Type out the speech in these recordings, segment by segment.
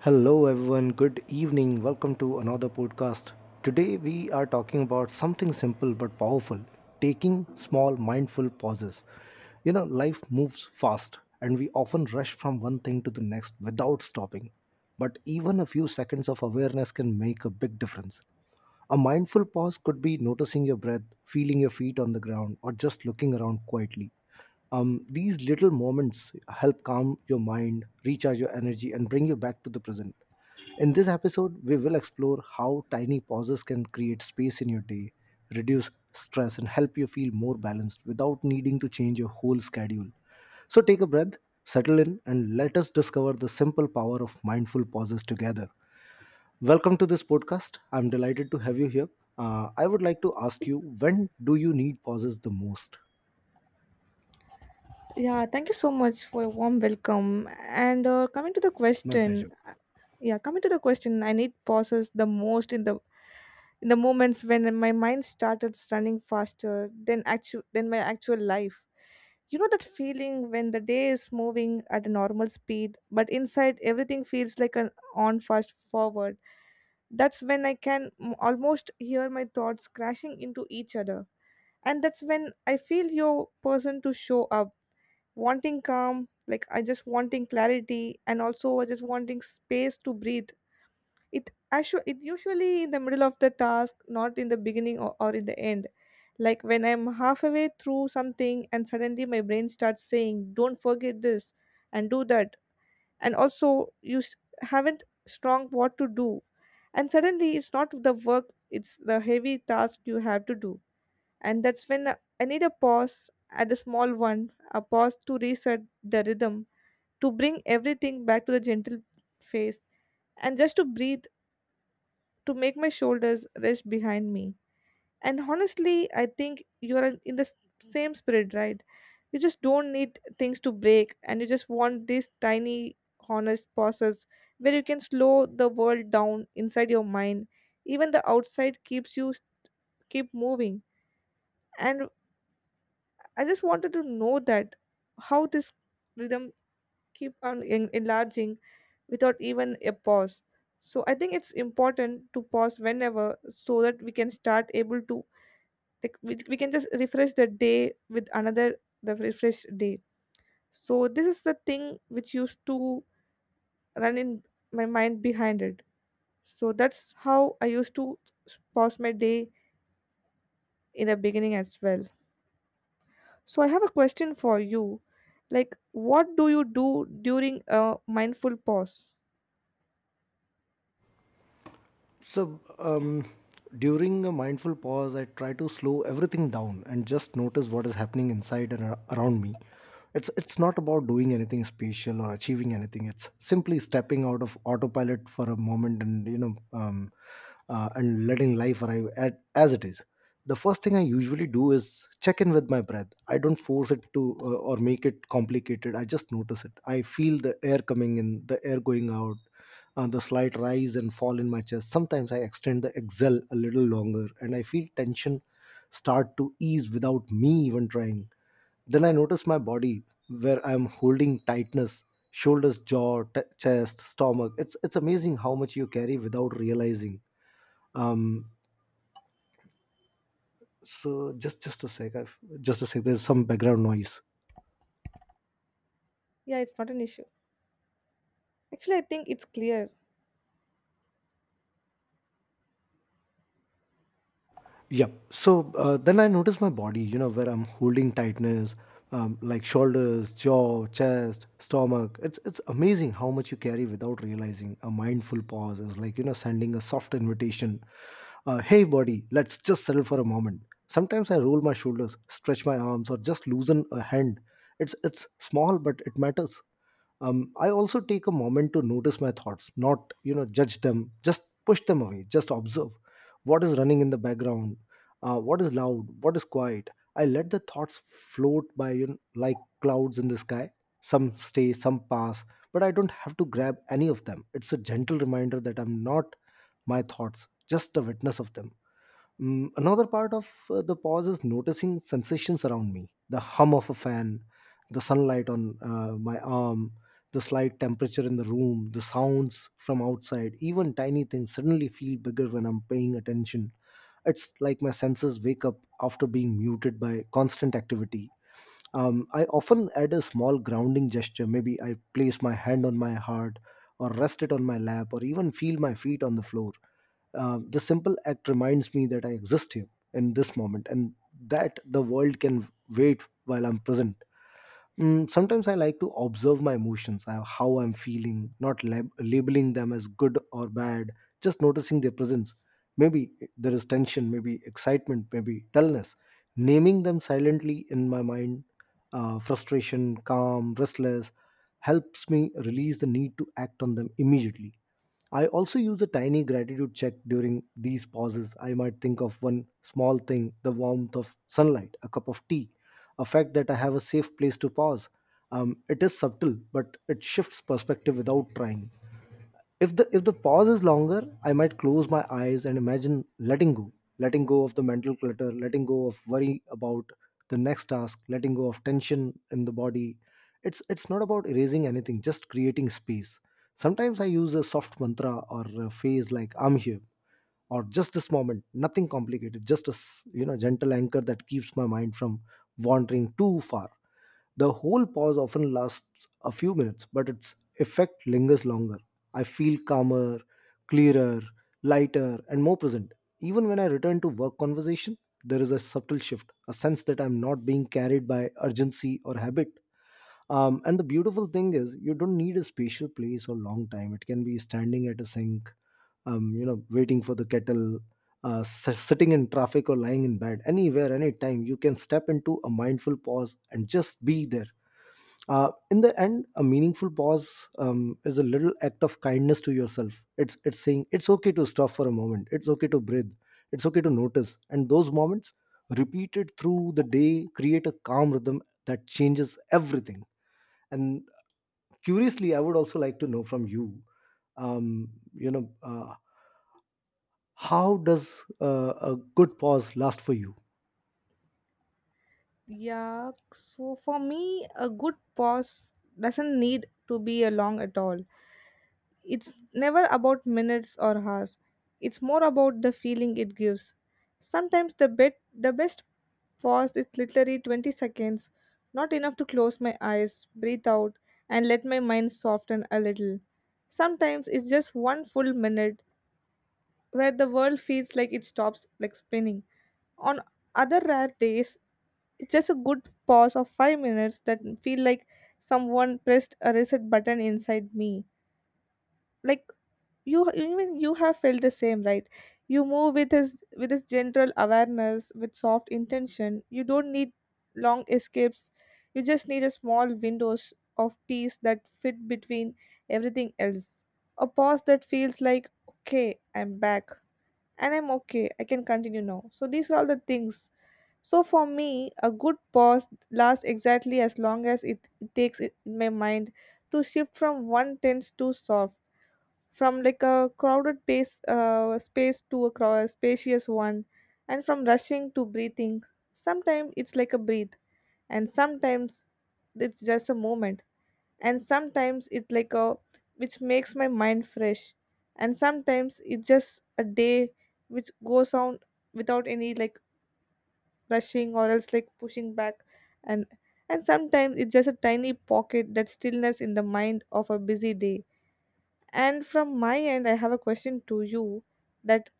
Hello, everyone. Good evening. Welcome to another podcast. Today, we are talking about something simple but powerful taking small, mindful pauses. You know, life moves fast, and we often rush from one thing to the next without stopping. But even a few seconds of awareness can make a big difference. A mindful pause could be noticing your breath, feeling your feet on the ground, or just looking around quietly. These little moments help calm your mind, recharge your energy, and bring you back to the present. In this episode, we will explore how tiny pauses can create space in your day, reduce stress, and help you feel more balanced without needing to change your whole schedule. So take a breath, settle in, and let us discover the simple power of mindful pauses together. Welcome to this podcast. I'm delighted to have you here. I would like to ask you, when do you need pauses the most? Yeah, thank you so much for a warm welcome. And coming to the My question, pleasure. yeah, coming to the question, I need pauses the most in the moments when my mind started running faster than actual than my actual life. You know that feeling when the day is moving at a normal speed, but inside everything feels like an on fast forward. That's when I can almost hear my thoughts crashing into each other, and that's when I feel your person to show up wanting calm, like I just wanting clarity, and also I just wanting space to breathe. It actually it usually in the middle of the task, not in the beginning or in the end. Like when I'm halfway through something and suddenly my brain starts saying, "Don't forget this," and do that, and also haven't strong what to do, and suddenly it's not the work; it's the heavy task you have to do, and that's when I need a pause, at a small one, a pause to reset the rhythm, to bring everything back to the gentle phase, and just to breathe, to make my shoulders rest behind me. And honestly, I think you're in the same spirit, right? You just don't need things to break, and you just want these tiny, honest pauses where you can slow the world down inside your mind, even the outside keeps you keep moving. And I just wanted to know that how this rhythm keep on enlarging without even a pause. So I think it's important to pause whenever so that we can start able to, like, we can just refresh the day with another the refresh day. So this is the thing which used to run in my mind behind it. So that's how I used to pause my day in the beginning as well. So I have a question for you. Like, what do you do during a mindful pause? So, during a mindful pause, I try to slow everything down and just notice what is happening inside and around me. It's not about doing anything special or achieving anything. It's simply stepping out of autopilot for a moment and and letting life arrive at, as it is. The first thing I usually do is check in with my breath. I don't force it to or make it complicated. I just notice it. I feel the air coming in, the air going out, the slight rise and fall in my chest. Sometimes I extend the exhale a little longer and I feel tension start to ease without me even trying. Then I notice my body where I am holding tightness, shoulders, jaw, chest, stomach. It's amazing how much you carry without realizing. Um, so just a sec, I've, just a sec. There's some background noise. Yeah, it's not an issue. Actually, I think it's clear. Yep. So then I notice my body, you know, where I'm holding tightness, like shoulders, jaw, chest, stomach. It's amazing how much you carry without realizing. A mindful pause is like, you know, sending a soft invitation. Hey, body, let's just settle for a moment. Sometimes I roll my shoulders, stretch my arms, or just loosen a hand. It's small, but it matters. I also take a moment to notice my thoughts, not, you know, judge them, just push them away, just observe what is running in the background. What is loud, what is quiet. I let the thoughts float by, you know, like clouds in the sky. Some stay, some pass, but I don't have to grab any of them. It's a gentle reminder that I'm not my thoughts, just a witness of them. Mm, another part of the pause is noticing sensations around me, the hum of a fan, the sunlight on my arm, the slight temperature in the room, the sounds from outside, even tiny things suddenly feel bigger when I'm paying attention. It's like my senses wake up after being muted by constant activity. I often add a small grounding gesture. Maybe I place my hand on my heart or rest it on my lap or even feel my feet on the floor. The simple act reminds me that I exist here in this moment, and that the world can wait while I'm present. Mm, sometimes I like to observe my emotions, how I'm feeling, not labeling them as good or bad, just noticing their presence. Maybe there is tension, maybe excitement, maybe dullness. Naming them silently in my mind, frustration, calm, restless, helps me release the need to act on them immediately. I also use a tiny gratitude check during these pauses. I might think of one small thing, the warmth of sunlight, a cup of tea, a fact that I have a safe place to pause. It is subtle, but it shifts perspective without trying. If the pause is longer, I might close my eyes and imagine letting go of the mental clutter, letting go of worry about the next task, letting go of tension in the body. It's not about erasing anything, just creating space. Sometimes I use a soft mantra or a phrase like "I'm here" or "Just this moment," nothing complicated, just a you know, gentle anchor that keeps my mind from wandering too far. The whole pause often lasts a few minutes, but its effect lingers longer. I feel calmer, clearer, lighter, and more present. Even when I return to work conversation, there is a subtle shift, a sense that I'm not being carried by urgency or habit. And the beautiful thing is, you don't need a special place or long time. It can be standing at a sink, you know, waiting for the kettle, sitting in traffic or lying in bed. Anywhere, anytime, you can step into a mindful pause and just be there. In the end, a meaningful pause is a little act of kindness to yourself. It's saying it's okay to stop for a moment, it's okay to breathe, it's okay to notice. And those moments, repeated through the day, create a calm rhythm that changes everything. And curiously, I would also like to know from you, you know how does a good pause last for you? Yeah, so for me, a good pause doesn't need to be a long at all. It's never about minutes or hours. It's more about the feeling it gives. Sometimes the best pause is literally 20 seconds, not enough to close my eyes, breathe out, and let my mind soften a little. Sometimes it's just one full minute where the world feels like it stops like spinning. On other rare days, it's just a good pause of 5 minutes that feel like someone pressed a reset button inside me, like you, even you have felt the same, right? You move with his general awareness, with soft intention. You don't need long escapes. You just need a small windows of peace that fit between everything else. A pause that feels like, okay, I'm back, and I'm okay, I can continue now. So these are all the things. So for me, a good pause lasts exactly as long as it takes it in my mind to shift from one tense to soft, from like a crowded pace, space, to a spacious one, and from rushing to breathing. Sometimes it's like a breathe, and sometimes it's just a moment, and sometimes it's like a which makes my mind fresh, and sometimes it's just a day which goes on without any, like, rushing or else, like, pushing back. and and sometimes it's just a tiny pocket that stillness in the mind of a busy day. And from my end, I have a question to you that,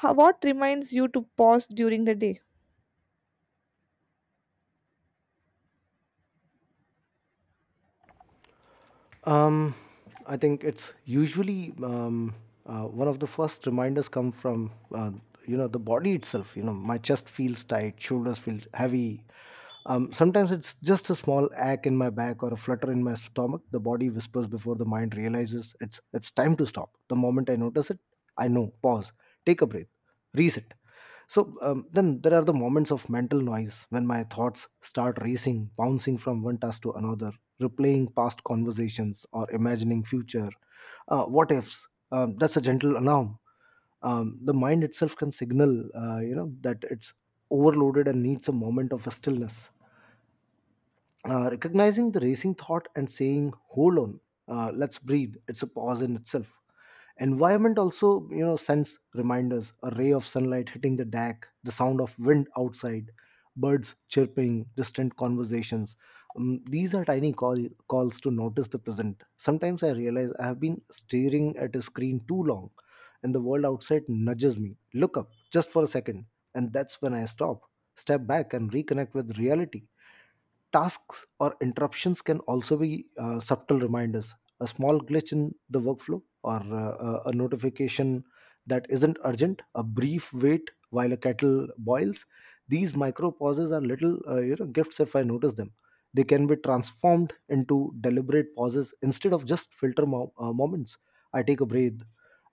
what reminds you to pause during the day? Um, I think it's usually one of the first reminders come from you know, the body itself. You know, my chest feels tight, shoulders feel heavy. Sometimes it's just a small ache in my back or a flutter in my stomach. The body whispers before the mind realizes it's time to stop. The moment I notice it, I know. Pause. Take a breath. Reset. So then there are the moments of mental noise when my thoughts start racing, bouncing from one task to another, replaying past conversations or imagining future. What ifs? That's a gentle alarm. The mind itself can signal, you know, that it's overloaded and needs a moment of stillness. Recognizing the racing thought and saying hold on, let's breathe, it's a pause in itself. Environment also, you know, sends reminders, a ray of sunlight hitting the deck, the sound of wind outside, birds chirping, distant conversations. These are tiny calls to notice the present. Sometimes I realize I have been staring at a screen too long, and the world outside nudges me, look up just for a second, and that's when I stop, step back, and reconnect with reality. Tasks or interruptions can also be subtle reminders. A small glitch in the workflow or a notification that isn't urgent, a brief wait while a kettle boils. These micro pauses are little you know, gifts if I notice them. They can be transformed into deliberate pauses instead of just filter moments. I take a breath,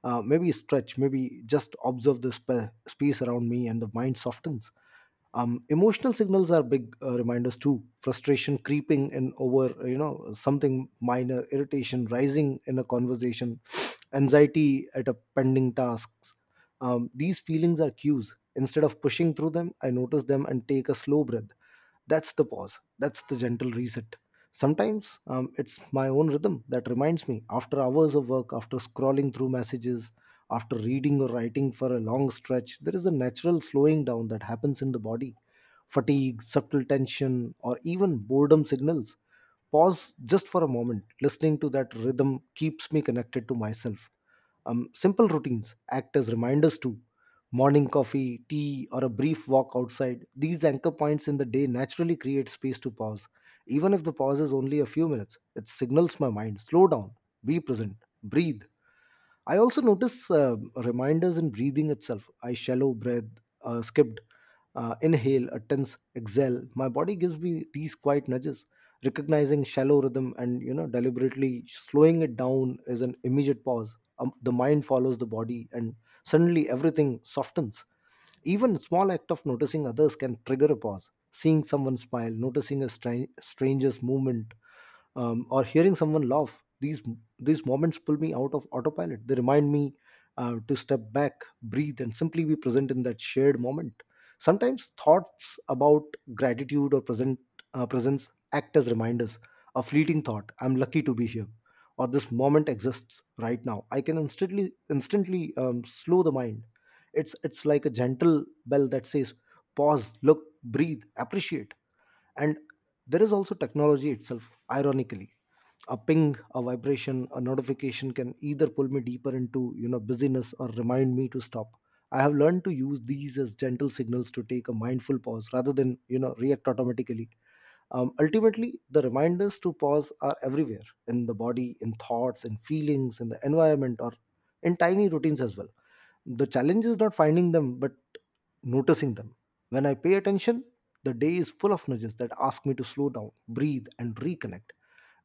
maybe stretch, maybe just observe the space around me, and the mind softens. Emotional signals are big reminders too, frustration creeping in over you know, something minor, irritation rising in a conversation, anxiety at a pending tasks. These feelings are cues. Instead of pushing through them, I notice them and take a slow breath. That's the pause, that's the gentle reset. Sometimes it's my own rhythm that reminds me, after hours of work, after scrolling through messages, after reading or writing for a long stretch, there is a natural slowing down that happens in the body, fatigue, subtle tension, or even boredom signals. Pause just for a moment. Listening to that rhythm keeps me connected to myself. Simple routines act as reminders too. Morning coffee, tea, or a brief walk outside. These anchor points in the day naturally create space to pause. Even if the pause is only a few minutes, it signals my mind slow down, be present, breathe. I also notice reminders in breathing itself. I shallow breath, skipped inhale, a tense exhale. My body gives me these quiet nudges. Recognizing shallow rhythm and you know, deliberately slowing it down is an immediate pause. The mind follows the body, and suddenly everything softens. Even small act of noticing others can trigger a pause. Seeing someone smile, noticing a stranger's movement, or hearing someone laugh, these moments pull me out of autopilot. They remind me to step back, breathe, and simply be present in that shared moment. Sometimes thoughts about gratitude or present presence act as reminders. A fleeting thought, I'm lucky to be here, or this moment exists right now, I can instantly slow the mind. It's like a gentle bell that says pause, look, breathe, appreciate. And there is also technology itself, ironically. A ping, a vibration, a notification can either pull me deeper into busyness or remind me to stop. I have learned to use these as gentle signals to take a mindful pause rather than react automatically. Ultimately, the reminders to pause are everywhere: in the body, in thoughts, in feelings, in the environment, or in tiny routines as well. The challenge is not finding them but noticing them. When I pay attention, the day is full of nudges that ask me to slow down, breathe, and reconnect.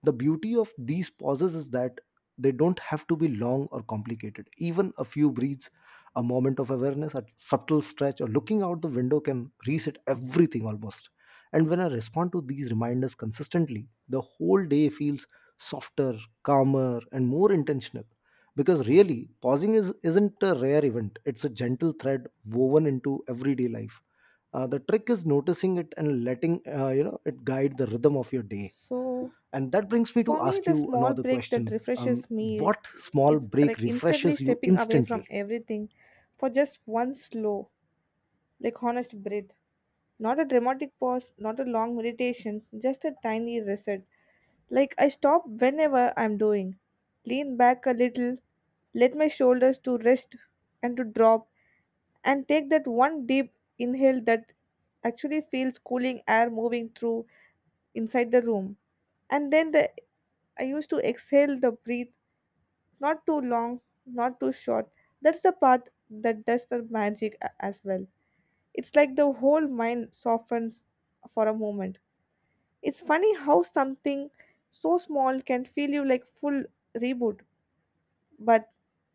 The beauty of these pauses is that they don't have to be long or complicated. Even a few breaths, a moment of awareness, a subtle stretch, or looking out the window can reset everything almost. And when I respond to these reminders consistently, the whole day feels softer, calmer, and more intentional. Because really, pausing is isn't a rare event, it's a gentle thread woven into everyday life. The trick is noticing it and letting it guide the rhythm of your day. So, And that brings me to for me, ask the you small another break that question. Refreshes me What small is break like instantly refreshes you stepping away instantly? from everything for just one slow, like, honest breath. Not a dramatic pause, not a long meditation, just a tiny reset. Like, I stop whenever I'm doing, lean back a little, let my shoulders to rest and to drop, and take that one deep inhale that actually feels cooling air moving through inside the room. And then the I used to exhale the breath, not too long, not too short. That's the part that does the magic as well. It's like the whole mind softens for a moment. It's funny how something so small can feel you like full reboot, but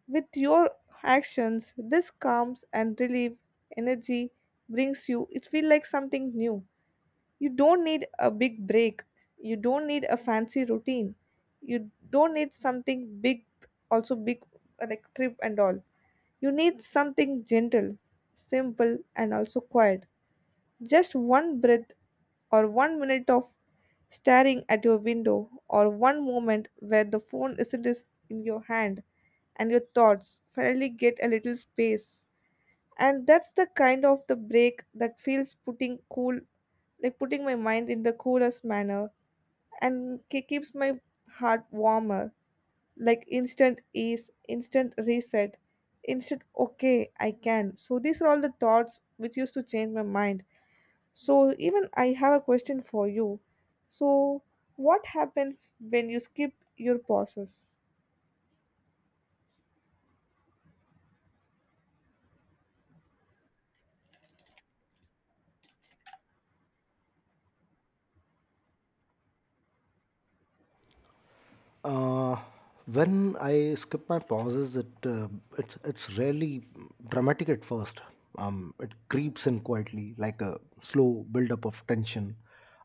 with your actions, this calms and relief energy brings you. It feels like something new. You don't need a big break. You don't need a fancy routine. You don't need something big, also big, like trip and all. You need something gentle, simple, and also quiet. Just one breath or one minute of staring at your window or one moment where the phone isn't is in your hand and your thoughts finally get a little space. And that's the kind of the break that feels putting cool, like putting my mind in the coolest manner and keeps my heart warmer, like instant ease, instant reset, instant okay I can. So these are all the thoughts which used to change my mind. So, even I have a question for you. So, what happens when you skip your pauses? Uh, when I skip my pauses, it's rarely dramatic at first. It creeps in quietly, like a slow buildup of tension.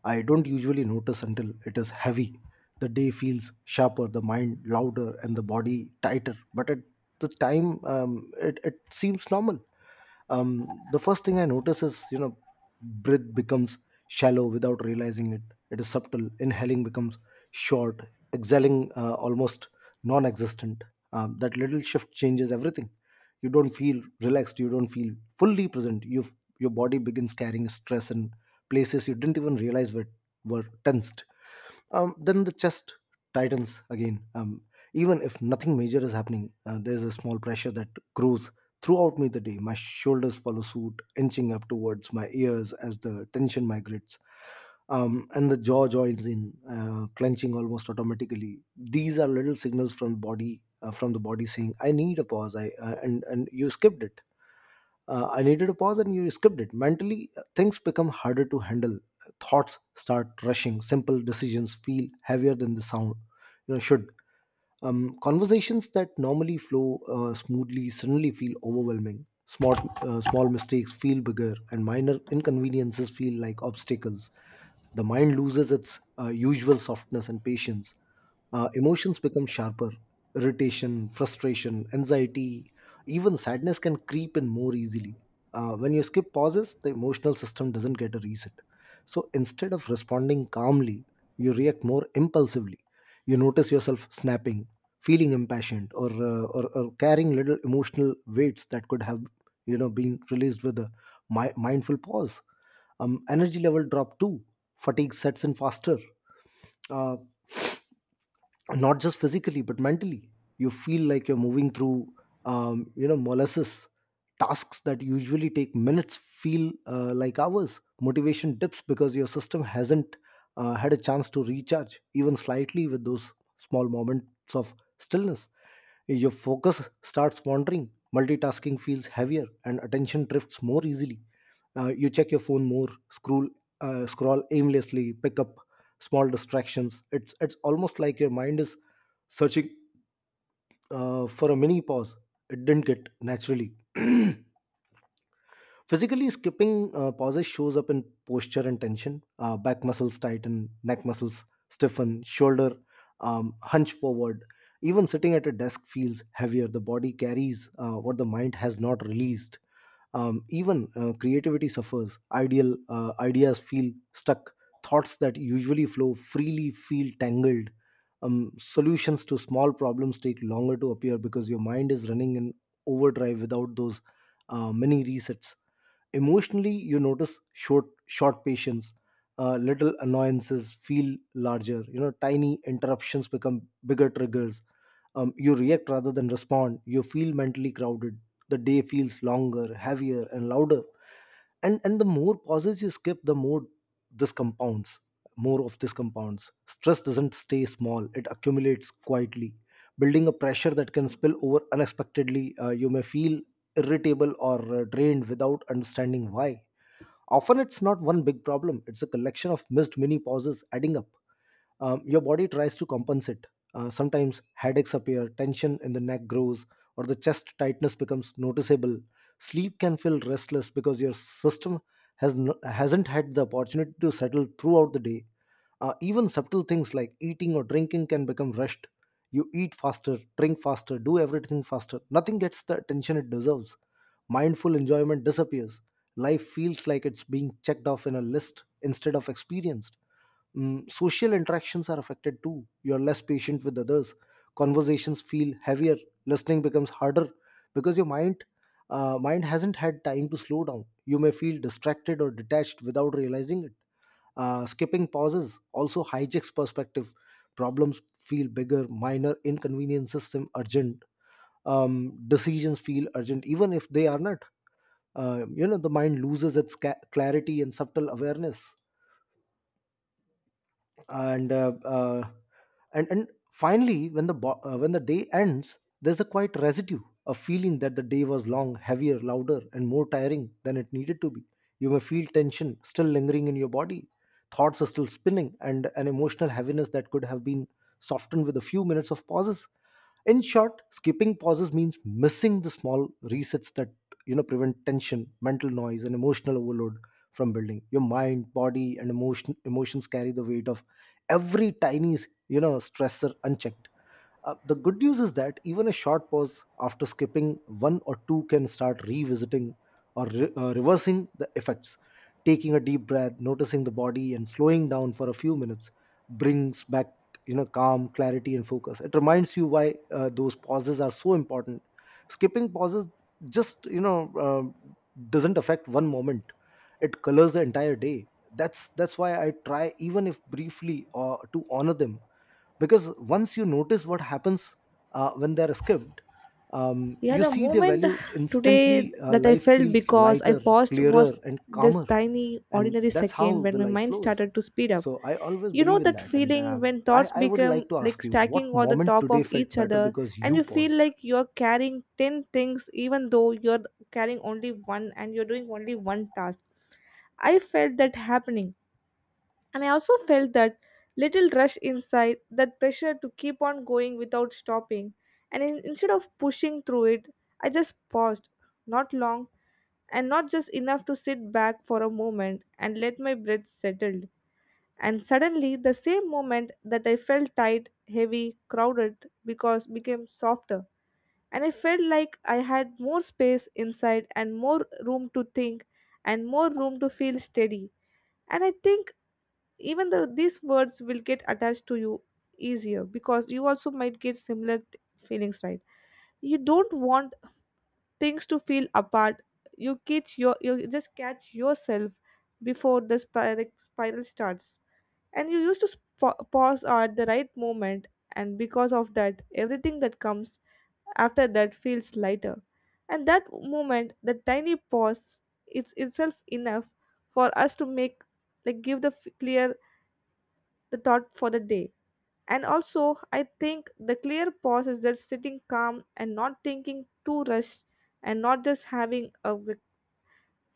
I don't usually notice until it is heavy. The day feels sharper, the mind louder, and the body tighter. But at the time, it seems normal. The first thing I notice is, breath becomes shallow without realizing it. It is subtle. Inhaling becomes short, exhaling almost non-existent. That little shift changes everything. You don't feel relaxed, you don't feel fully present, you your body begins carrying stress in places you didn't even realize were tensed. Then the chest tightens again. Even if nothing major is happening, there's a small pressure that grows throughout me the day. My shoulders follow suit, inching up towards my ears as the tension migrates. And the jaw joins in, clenching almost automatically. These are little signals from body, from the body saying, "I need a pause." I And you skipped it, I needed to pause and you skipped it. Mentally, things become harder to handle. Thoughts start rushing. Simple decisions feel heavier than the sound should. Conversations that normally flow smoothly suddenly feel overwhelming. Small mistakes feel bigger, and minor inconveniences feel like obstacles. The mind loses its usual softness and patience. Emotions become sharper. Irritation, frustration, anxiety, even sadness can creep in more easily. When you skip pauses, the emotional system doesn't get a reset. So instead of responding calmly, you react more impulsively. You notice yourself snapping, feeling impassioned, or carrying little emotional weights that could have been released with a mindful pause. Um, energy level drop too, fatigue sets in faster. Uh, Not just physically but mentally. You feel like you're moving through molasses. Tasks that usually take minutes feel like hours. Motivation dips because your system hasn't had a chance to recharge even slightly with those small moments of stillness. Your focus starts wandering, multitasking feels heavier, and attention drifts more easily. Uh, you check your phone more, scroll aimlessly, pick up small distractions. It's almost like your mind is searching for a mini pause it didn't get naturally. Physically, skipping pauses shows up in posture and tension. Back muscles tighten, neck muscles stiffen, shoulder hunch forward. Even sitting at a desk feels heavier. The body carries what the mind has not released. Even creativity suffers. Ideal Ideas feel stuck. Thoughts that usually flow freely feel tangled. Solutions to small problems take longer to appear because your mind is running in overdrive without those mini resets. Emotionally, you notice short patience, little annoyances feel larger. You know, tiny interruptions become bigger triggers. You react rather than respond. You feel mentally crowded. The day feels longer, heavier, and louder. And the more pauses you skip, the more this compounds. More of this compounds. Stress doesn't stay small; it accumulates quietly, building a pressure that can spill over unexpectedly. You may feel irritable or drained without understanding why. Often it's not one big problem, it's a collection of missed mini pauses adding up. Um, your body tries to compensate. Sometimes headaches appear, tension in the neck grows, or the chest tightness becomes noticeable. Sleep can feel restless because your system hasn't had the opportunity to settle throughout the day. Even subtle things like eating or drinking can become rushed. You eat faster, drink faster, do everything faster. Nothing gets the attention it deserves. Mindful enjoyment disappears. Life feels like it's being checked off in a list instead of experienced. Mm, social interactions are affected too. You're less patient with others. Conversations feel heavier. Listening becomes harder because your mind hasn't had time to slow down. You may feel distracted or detached without realizing it. Skipping pauses also hijacks perspective. Problems feel bigger. Minor inconveniences seem urgent. Decisions feel urgent even if they are not. You know the mind loses its clarity and subtle awareness, and uh, uh, and finally when the when the day ends there's a quiet residue, a feeling that the day was long, heavier, louder, and more tiring than it needed to be. You may feel tension still lingering in your body, thoughts are still spinning, and an emotional heaviness that could have been softened with a few minutes of pauses. In short, skipping pauses means missing the small resets that prevent tension, mental noise, and emotional overload from building. Your mind, body, and emotions carry the weight of every tiny stressor unchecked. Uh, the good news is that even a short pause after skipping one or two can start revisiting or reversing the effects. Taking a deep breath, noticing the body, and slowing down for a few minutes brings back calm, clarity, and focus. It reminds you why those pauses are so important. Skipping pauses just you know uh, doesn't affect one moment; it colors the entire day. That's why I try, even if briefly, to honor them, because once you notice what happens when they're skipped, Yeah, you the see their moment value today instantly. Uh, that I life felt feels because I lighter, paused clearer, was and this calmer. tiny, And ordinary that's second how when the my life mind flows, started to speed up. so I always You know believe in that that. and feeling uh, when I, thoughts I would become like to like ask you, stacking what on the moment top today of felt each better other, because and you you feel paused? like you're carrying 10 things, even though you're carrying only one and you're doing only one task. I felt that happening. And I also felt that little rush inside, that pressure to keep on going without stopping. Instead of pushing through it, I just paused, not long, and not just enough to sit back for a moment and let my breath settle. And suddenly, the same moment that I felt tight, heavy, crowded, because became softer. And I felt like I had more space inside and more room to think and more room to feel steady. And I think even though these words will get attached to you easier because you also might get similar feelings, right? You don't want things to feel apart. You catch your you just catch yourself before the spiral starts, and you used to pause at the right moment, and because of that, everything that comes after that feels lighter. And that moment, the tiny pause, it's itself enough for us to make, like, give the clear the thought for the day. And also, I think the clear pause is just sitting calm and not thinking too rushed and not just having a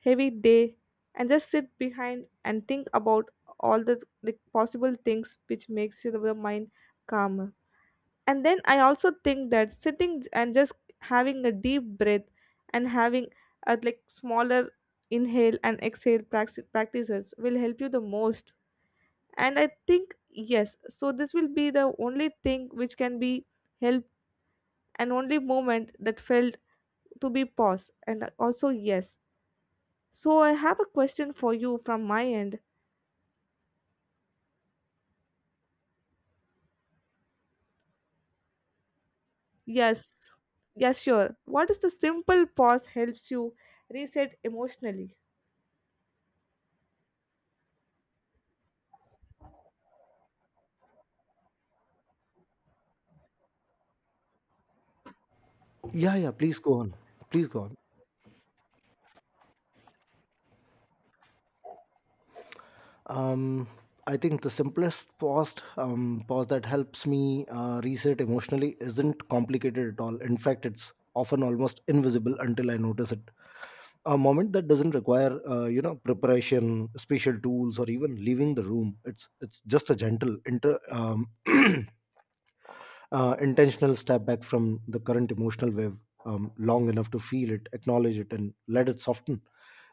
heavy day and just sit behind and think about all the possible things which makes your mind calmer. And then I also think that sitting and just having a deep breath and having a, like, smaller inhale and exhale practices will help you the most. And I think, yes, so this will be the only thing which can be helped, and only moment that felt to be pause. And also, yes, so I have a question for you from my end. Yes, yes, sure, what is the simple pause helps you reset emotionally? Yeah, yeah, please go on, please go on. Um, I think the simplest pause, pause that helps me reset emotionally isn't complicated at all. In fact, it's often almost invisible until I notice it. A moment that doesn't require, preparation, special tools, or even leaving the room. It's just a gentle inter intentional step back from the current emotional wave, long enough to feel it, acknowledge it, and let it soften.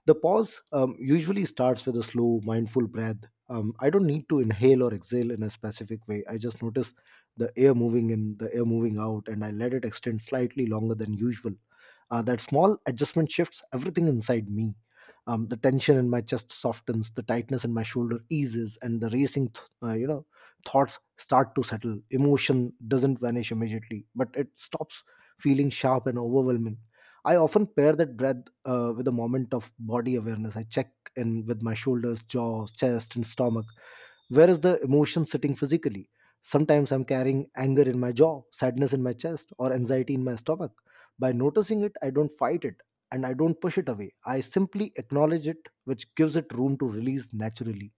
The pause usually starts with a slow, mindful breath. I don't need to inhale or exhale in a specific way. I just notice the air moving in, the air moving out, and I let it extend slightly longer than usual. That small adjustment shifts everything inside me. The tension in my chest softens, the tightness in my shoulder eases, and the racing, thoughts start to settle. Emotion doesn't vanish immediately, but it stops feeling sharp and overwhelming. I often pair that breath with a moment of body awareness. I check in with my shoulders, jaw, chest, and stomach. Where is the emotion sitting physically? Sometimes I'm carrying anger in my jaw, sadness in my chest, or anxiety in my stomach. By noticing it, I don't fight it, and I don't push it away. I simply acknowledge it, which gives it room to release naturally.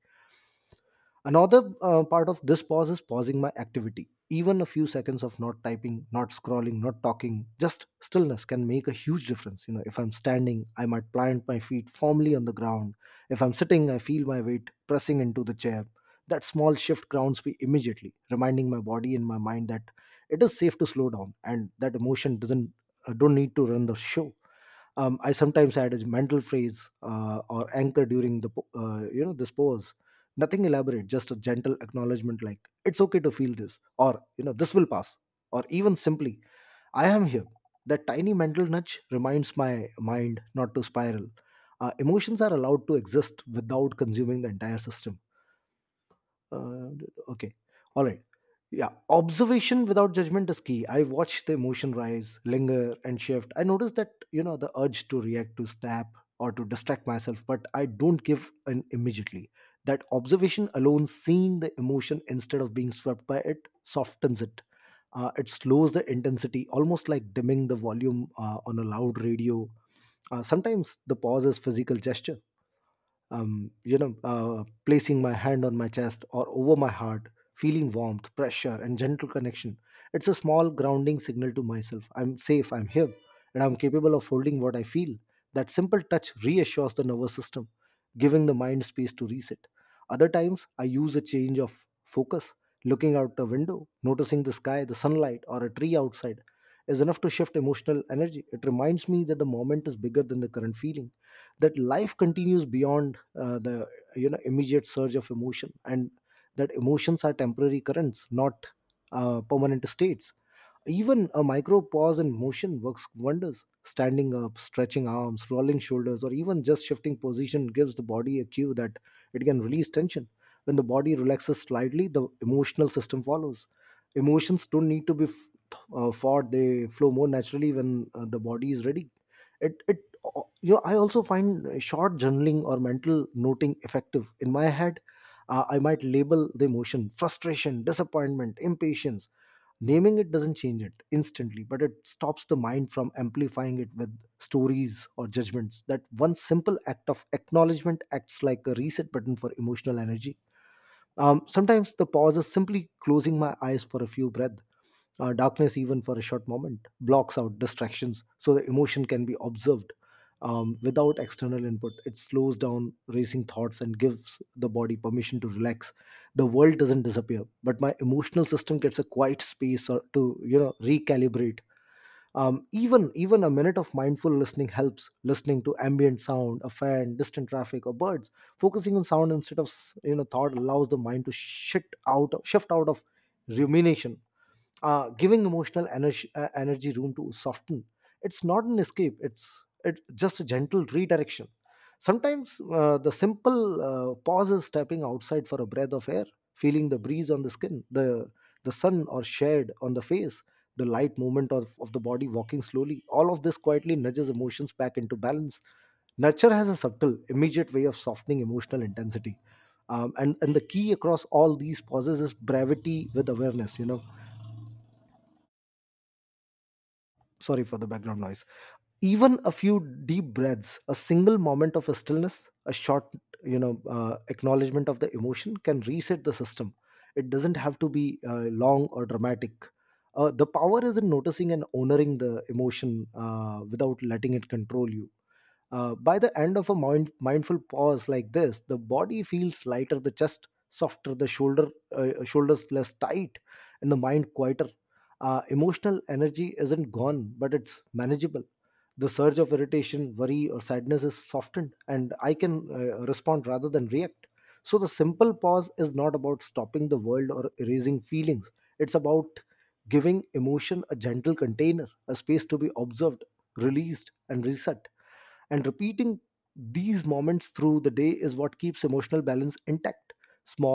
Another part of this pause is pausing my activity. Even a few seconds of not typing, not scrolling, not talking, just stillness can make a huge difference. You know, if I'm standing, I might plant my feet firmly on the ground. If I'm sitting, I feel my weight pressing into the chair. That small shift grounds me immediately, reminding my body and my mind that it is safe to slow down, and that emotion doesn't don't need to run the show. Um, I sometimes add a mental phrase or anchor during the this pose. Nothing elaborate, just a gentle acknowledgement like "It's okay to feel this," or "This will pass," or even simply "I am here." That tiny mental nudge reminds my mind not to spiral. Emotions are allowed to exist without consuming the entire system. Uh, okay, all right. Yeah, observation without judgment is key. I watched the emotion rise, linger, and shift. I noticed that, you know, the urge to react, to snap, or to distract myself, but I don't give in immediately. That observation alone, seeing the emotion instead of being swept by it, softens it. It slows the intensity, almost like dimming the volume on a loud radio. Sometimes the pause is physical gesture, placing my hand on my chest or over my heart, feeling warmth, pressure, and gentle connection. It's a small grounding signal to myself. I'm safe, I'm here, and I'm capable of holding what I feel. That simple touch reassures the nervous system, giving the mind space to reset. Other times, I use a change of focus. Looking out the window, noticing the sky, the sunlight, or a tree outside is enough to shift emotional energy. It reminds me that the moment is bigger than the current feeling, that life continues beyond the immediate surge of emotion, and that emotions are temporary currents, not permanent states. Even a micro pause in motion works wonders. Standing up, stretching arms, rolling shoulders, or even just shifting position gives the body a cue that it can release tension. When the body relaxes slightly, the emotional system follows. Emotions don't need to be fought, they flow more naturally when the body is ready. It, it I also find short journaling or mental noting effective. In my head, I might label the emotion frustration, disappointment, impatience. Naming it doesn't change it instantly, but it stops the mind from amplifying it with stories or judgments. That one simple act of acknowledgement acts like a reset button for emotional energy. Sometimes the pause is simply closing my eyes for a few breaths. Uh, darkness, even for a short moment, blocks out distractions so the emotion can be observed without external input. It slows down racing thoughts and gives the body permission to relax. The world doesn't disappear, but my emotional system gets a quiet space or to you know recalibrate. Even a minute of mindful listening helps. Listening to ambient sound, a fan, distant traffic, or birds. Focusing on sound instead of thought allows the mind to shift out of rumination, giving emotional energy, energy room to soften. It's not an escape, just a gentle redirection. Sometimes the simple pause is stepping outside for a breath of air, feeling the breeze on the skin, the sun or shade on the face, the light movement of the body walking slowly. All of this quietly nudges emotions back into balance. Nurture has a subtle, immediate way of softening emotional intensity, and the key across all these pauses is brevity with awareness. Sorry for the background noise. Even a few deep breaths, a single moment of stillness, a short acknowledgement of the emotion can reset the system. It doesn't have to be long or dramatic. Uh, the power is in noticing and honoring the emotion without letting it control you. By the end of a mindful pause like this, the body feels lighter, the chest softer, the shoulders less tight, and the mind quieter. Emotional energy isn't gone, but it's manageable. The surge of irritation, worry, or sadness is softened, and I can respond rather than react. So, the simple pause is not about stopping the world or erasing feelings, it's about giving emotion a gentle container, a space to be observed, released, and reset. And repeating these moments through the day is what keeps emotional balance intact, small,